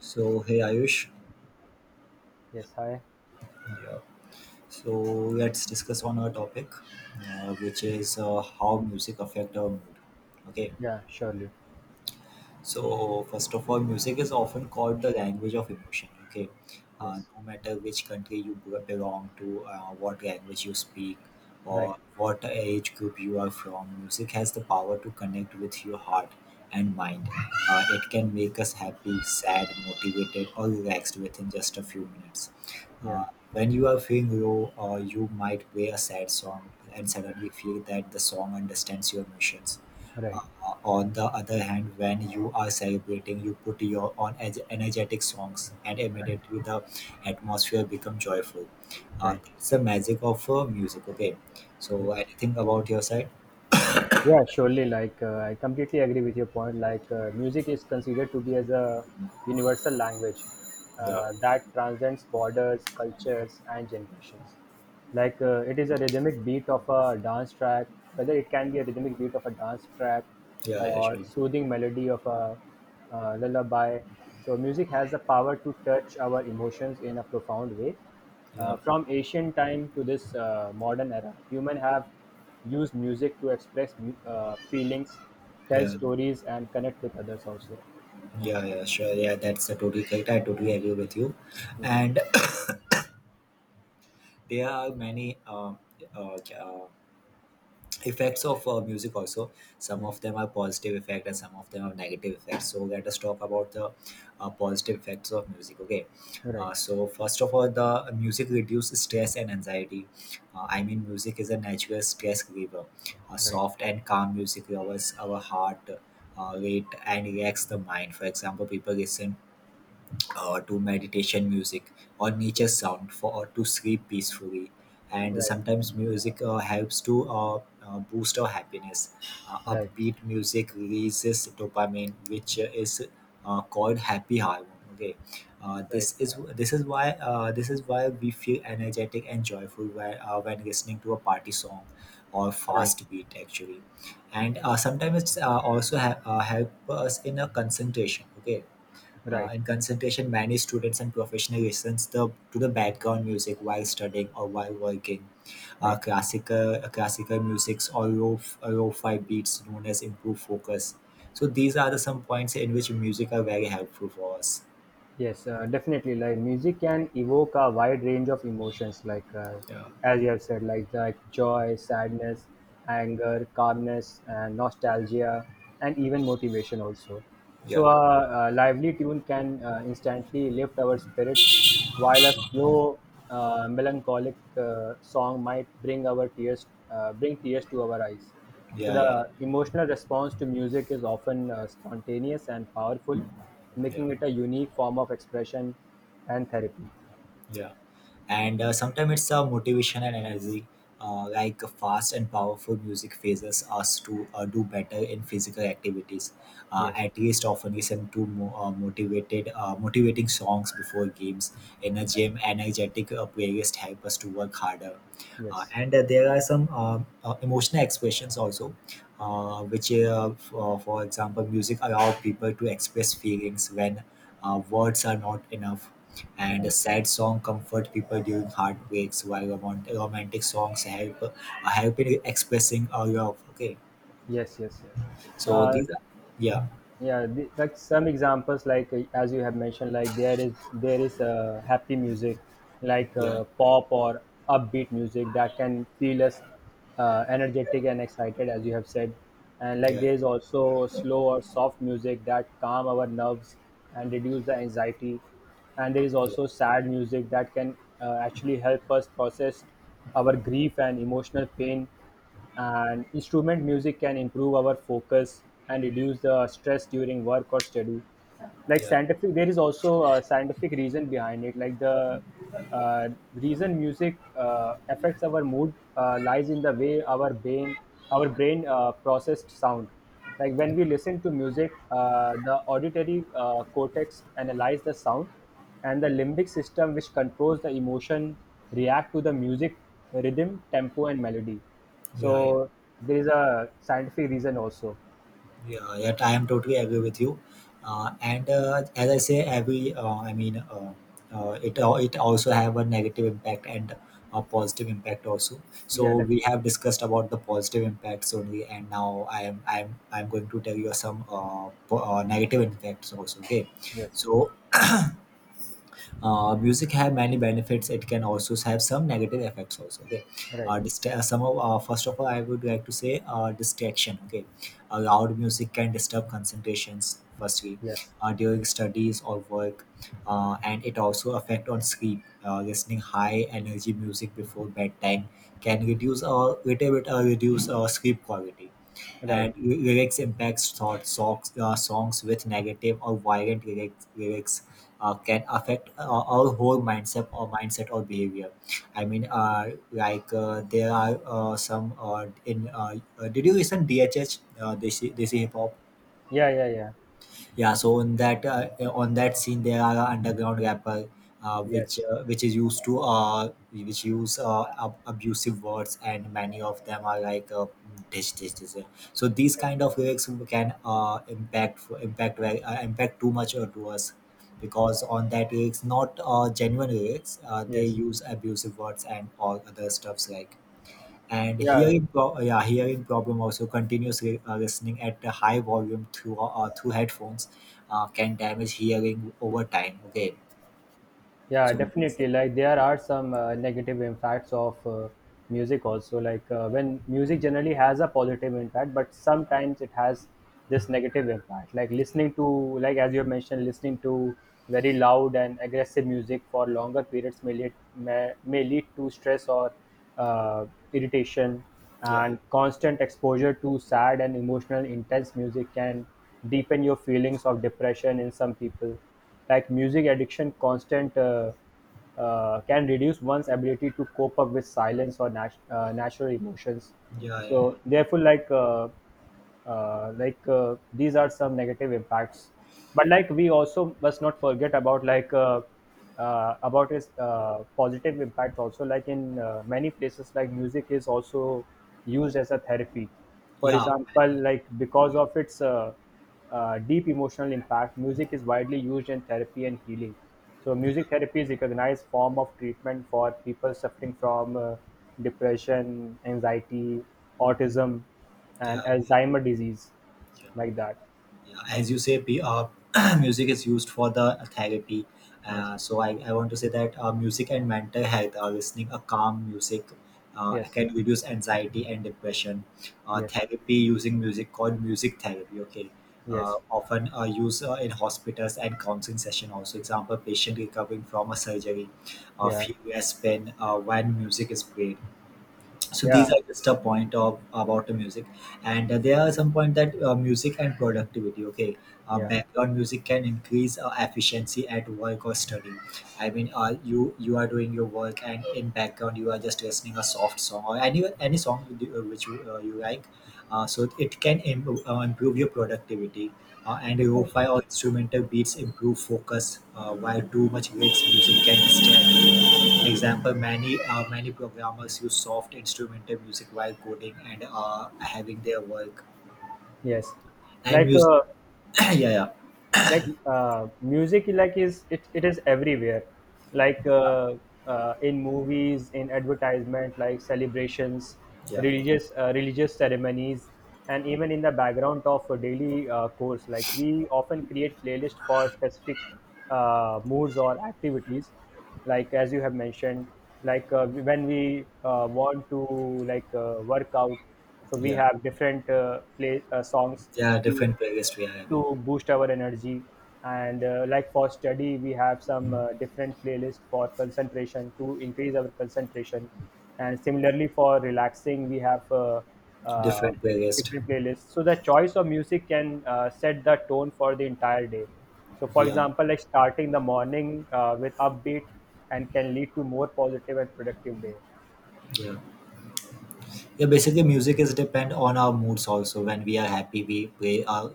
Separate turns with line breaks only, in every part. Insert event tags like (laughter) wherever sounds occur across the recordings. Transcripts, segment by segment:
So, hey Ayush,
Yes, hi.
yeah. So let's discuss on our topic, which is how music affect our mood. Okay,
Yeah, surely.
so first of all, music is often called the language of emotion. Okay,
Yes.
no matter which country you belong to, what language you speak,
Right.
or what age group you are from, music has the power to connect with your heart and mind. It can make us happy, sad, motivated, or relaxed within just a few minutes.
Yeah.
Uh, when you are feeling low, or you might play a sad song and
Yes.
suddenly feel that the song understands your emotions. Uh,
Right.
on the other hand, when you are celebrating, you put your on energetic songs, and immediately the atmosphere becomes joyful.
Right.
It's the magic of music. Okay, so
Yes.
anything about your side?
Yeah, surely. Like I completely agree with your point. Like music is considered to be as a universal language
Yeah,
that transcends borders, cultures, and generations. Like it is a rhythmic beat of a dance track, whether it can be a rhythmic beat of a dance track
yeah, yeah,
or
sure.
soothing melody of a lullaby. So music has the power to touch our emotions in a profound way.
Yeah,
From ancient time to this modern era, human have use music to express feelings, tell
yeah,
stories, and connect with others also.
yeah, yeah, sure. Yeah, that's a totally correct. I totally agree with you.
Yes.
And (coughs) (clears throat) there are many uh, yeah, effects of music also. Some
Yes.
of them are positive effect and some of them are negative effects, so let us talk about the positive effects of music. Okay,
Right.
so first of all, the music reduces stress and anxiety. I mean, music is a natural stress reliever.
Right.
Soft and calm music lowers our heart rate and relax the mind. For example, people listen to meditation music or nature
Yes.
sound for to sleep peacefully. And
Right.
sometimes music helps to boost our happiness.
Right.
Upbeat music releases dopamine, which is called happy hormone. Okay, uh,
Right.
this is this is why we feel energetic and joyful when listening to a party song or
Right.
fast beat actually. And sometimes it's also help us in a concentration. Okay,
Right.
and concentration, many students and professionals listens to the background music while studying or while working. Uh,
Right.
classical uh, classical musics or low low fi beats known as improved focus. So these are the some points in which music are very helpful for us.
Yes, definitely. Like music can evoke a wide range of emotions, like
Yeah,
as you have said, like joy, sadness, anger, calmness, and nostalgia, and even motivation also.
yeah,
So a lively tune can instantly lift our spirits, while a slow, melancholic song might bring bring tears to our eyes. So
yeah, yeah,
the emotional response to music is often spontaneous and powerful,
yeah.
making it a unique form of expression and therapy.
Yeah, and sometimes it's a motivation and energy. Like fast and powerful music phases us to do better in physical activities.
Yes,
At least often listen to motivating songs before games. In a gym, energetic playlist help us to work harder.
yes,
And there are some emotional expressions also, for example, music allow people to express feelings when words are not enough, and a
right.
sad song comfort people during heartbreaks, while romantic songs help help in expressing our love. Okay,
Yes, yes, yes.
so
Uh,
these are, yeah,
yeah, like some examples, like as you have mentioned, like there is a happy music, like
yeah,
pop or upbeat music that can feel us energetic and excited, as you have said. And like
yeah,
there is also slow or soft music that calm our nerves and reduce the anxiety. And there is
yeah, yeah,
also sad music that can actually help us process our grief and emotional pain. And instrument music can improve our focus and reduce the stress during work or study. Like
yeah,
scientific there is also a scientific reason behind it, like the reason music affects our mood lies in the way our brain processed sound. Like when we listen to music, the auditory cortex analyze the sound, and the limbic system, which controls the emotion, react to the music, rhythm, tempo, and melody.
yeah.
So there is a scientific reason also.
Yeah, yeah, I am totally agree with you. And as I say, every I mean, it it also have a negative impact and a positive impact also.
yeah
So
that,
we have discussed about the positive impacts only, and now I am going to tell you some negative impacts also. Okay,
yes,
so music have many benefits, it can also have some negative effects also. Okay,
right.
dist- some of first of all, I would like to say distraction. Okay, loud music can disturb concentrations, firstly
Yes,
during studies or work. And it also affect on sleep. Listening high energy music before bedtime can reduce or little bit reduce sleep quality.
right.
And lyrics impacts thought songs, songs with negative or violent lyrics, can affect our whole mindset or mindset or behavior. I mean, there are some in did you listen dhh, uh, desi hip hop?
Yeah, yeah, yeah.
Yeah, so in that, on that scene there are a underground rapper,
Yes.
which is used to, which use abusive words, and many of them are like dish, dish, dish. So these
Yes.
kind of lyrics can impact too much to us, because on that lyrics not genuine lyrics, they
Yes.
use abusive words and all other stuffs like. And
Yeah.
hearing yeah, hearing problem also, continuous listening at a high volume through through headphones can damage hearing over time. Okay,
Yeah,
so these—
definitely. Like there are some negative impacts of music also. Like when music generally has a positive impact, but sometimes it has this negative impact. Like listening to, like as you have mentioned, listening to very loud and aggressive music for longer periods may lead to stress or uh, irritation.
yeah,
And constant exposure to sad and emotional intense music can deepen your feelings of depression in some people, like music addiction, constant can reduce one's ability to cope up with silence or natural emotions.
yeah, yeah, yeah,
So therefore, like these are some negative impacts. But like we also must not forget about about its positive impact also. Like in many places, like music is also used as a therapy. For
yeah, yeah,
example, like because of its deep emotional impact, music is widely used in therapy and healing. So music therapy is recognized form of treatment for people suffering from depression, anxiety, autism, and
yeah, yeah,
Alzheimer disease,
yeah.
like that.
Yeah, as you say, (clears throat) music is used for the therapy.
Yes.
So I want to say that music and mental health, listening a calm music
Yes.
can reduce anxiety and depression.
Yes.
Therapy using music called music therapy. Okay.
Yes.
Often Used in hospitals and counseling session also. Example, patient recovering from a surgery,
Yeah.
feel less pain when music is played. So
Yeah.
these are just a point of about the music. And there are some point that music and productivity. Okay,
Yeah.
background music can increase efficiency at work or study. I mean, you you are doing your work and in background you are just listening a soft song or any song you which you, you like. So it can improve your productivity. And lo-fi or instrumental beats improve focus, while too much mixed music can distract. Example: many many programmers use soft instrumental music while coding and having their work
Yes.
and
Like
music. (clears throat) Yeah, yeah,
like music, like it is everywhere, like in movies, in advertisement, like celebrations,
yeah,
religious ceremonies, and even in the background of a daily course. Like we often create playlist for specific moods or activities, like as you have mentioned, like when we want to, like, work out, so we
yeah,
have different play songs
yeah. Different playlist we are having.
to boost our energy. And like for study, we have some different playlist for concentration, to increase our concentration. And similarly for relaxing, we have uh,
Different playlist.
different playlists. So the choice of music can set the tone for the entire day. So for
Yeah,
example, like starting the morning with upbeat and can lead to more positive and productive day.
yeah. Yeah, basically music is depend on our moods also. When we are happy, we play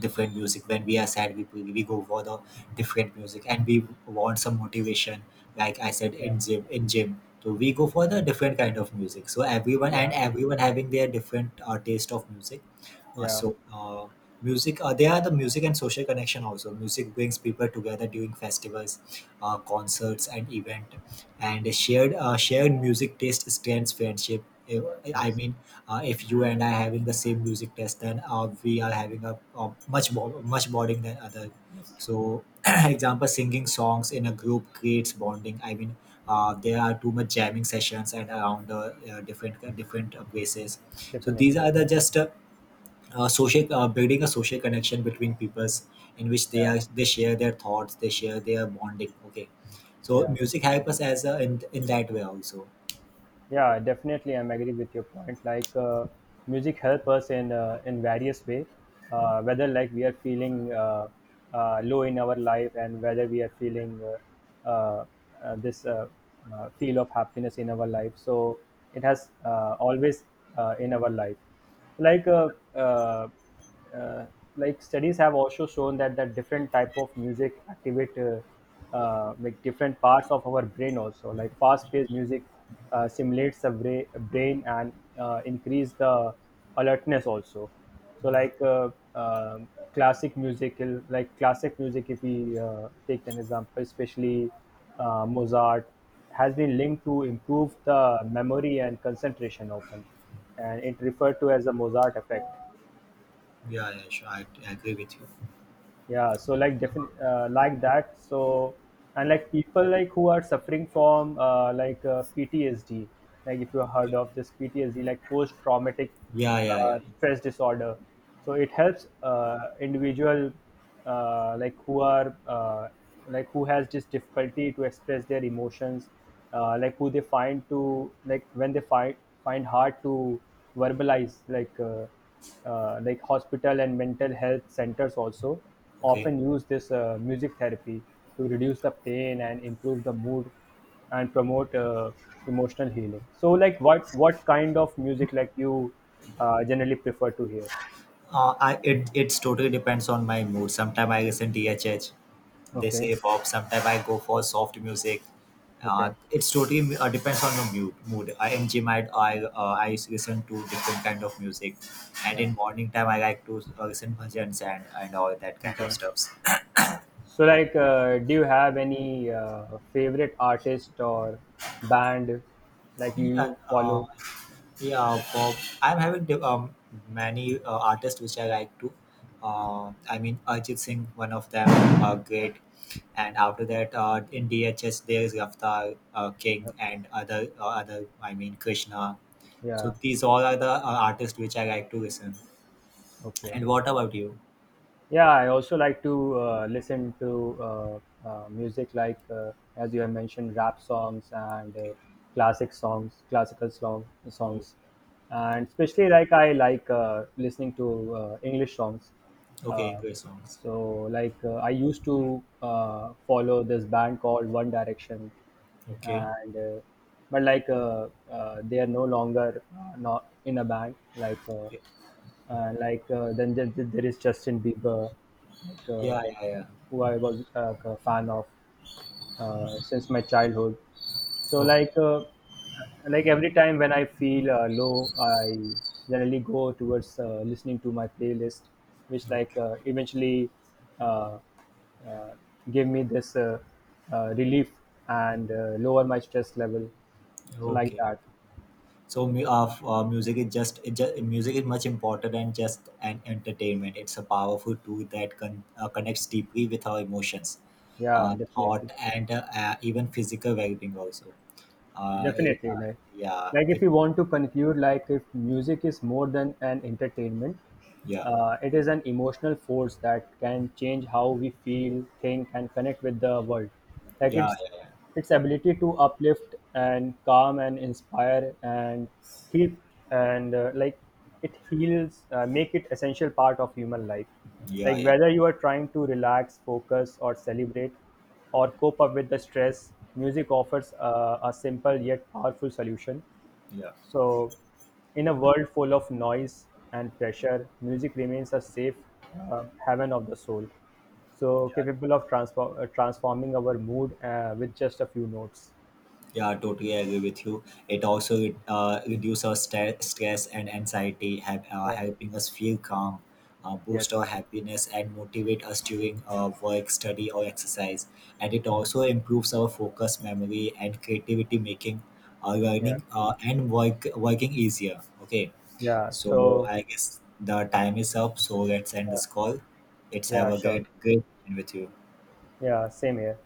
different music. When we are sad, we, play, we go for the different music. And we want some motivation, like I said,
Yeah,
in gym, so we go for the different kind of music. So everyone and
yeah,
everyone having their different taste of music. uh,
yeah.
so uh, Music, they are the music and social connection also. Music brings people together during festivals, concerts and event. And a shared shared music taste strengthens friendship. If— I
Yes.
mean, if you and I having the same music taste, then we are having a much more much bonding than other.
Yes,
So, (clears throat) example, singing songs in a group creates bonding. I mean, there are too much jamming sessions and around different different places. So these
definitely.
are the just social, building a social connection between peoples, in which they
Yeah,
are they share their thoughts, they share their bonding. Okay, so
yeah.
music help us as a, in that way also.
Yeah, definitely, I'm agree with your point. Like, music help us in, in various way, whether like we are feeling low in our life, and whether we are feeling this feel of happiness in our life. So it has always in our life. Like, uh, uh, uh, like studies have also shown that different type of music activate like different parts of our brain, also like fast paced music simulates the brain and increase the alertness also. So
Yeah,
like classic music, if we take an example, especially Mozart has been linked to improve the memory and concentration often, and it referred to as the Mozart effect.
yeah, yeah, sure, I agree with you.
Yeah, so like definitely, like that. So and like people, like who are suffering from PTSD, like if you heard
Okay.
of this PTSD, like post traumatic
Yeah, yeah, yeah.
stress disorder. So it helps individual, like who are, like who has this difficulty to express their emotions, like who they find to, like when they find hard to verbalize, like hospital and mental health centers also
Okay,
often use this music therapy to reduce the pain and improve the mood and promote emotional healing. So like what kind of music like you generally prefer to hear?
I, it it's totally depends on my mood. Sometimes I listen to DHH, they
Okay.
say pop. Sometimes I go for soft music.
Okay.
It's totally depends on your mood. Mood. I in gym I listen to different kind of music, and in
Yeah.
morning time I like to listen bhajans and all that kind of
Okay.
stuffs.
So like do you have any favorite artist or band like
Yeah,
you follow?
yeah. Pop. I'm having many artists which I like to. I mean, Ajit Singh, one of them,
Yeah,
great. And after that, in DHS, there is Raftar, King, and other other. I mean, Krishna. So
yeah.
these all are the artists which I like to listen.
Okay.
And what about you?
Yeah, I also like to listen to music, like, as you have mentioned, rap songs and
Okay,
classic songs, classical song,
oh,
songs. And especially like I like listening to English songs.
okay,
Uh,
English songs.
so like I used to follow this band called One Direction,
Okay,
and but like they are no longer not in a band, like
okay.
then there is Justin Bieber, like
Yeah, yeah, yeah.
who I was a fan of since my childhood. So
Okay,
like every time when I feel low, I generally go towards listening to my playlist, which like
okay.
eventually uh, uh, give me this relief and lower my stress level. So like
Okay.
that,
So music is just, it just music is much important than just an entertainment. It's a powerful tool that connects deeply with our emotions,
yeah, definitely.
thought, and even physical well-being also. Uh, it-
Definitely,
uh,
like
yeah,
like if
it,
you want to conclude, like if music is more than an entertainment,
yeah,
it is an emotional force that can change how we feel, think, and connect with the world. Like
yeah,
its ability to uplift and calm and inspire and heal and it heals, make it essential part of human life.
yeah,
Like
yeah,
whether you are trying to relax, focus, or celebrate, or cope up with the stress, music offers a simple yet powerful solution.
yeah,
So, in a world full of noise and pressure, music remains a safe haven of the soul. So,
yeah.
capable of transforming our mood with just a few notes.
Yeah, totally agree with you. It also reduces our stress and anxiety,
Yeah.
helping us feel calm, boost
Yes.
our happiness, and motivate us during work, study, or exercise. And it also improves our focus, memory, and creativity, making
Yeah.
learning and work working easier. Okay,
Yeah.
so
So,
I guess the time is up. So let's end
yeah,
this call. It's have
yeah,
a
sure.
great great time with you.
Yeah. Same here.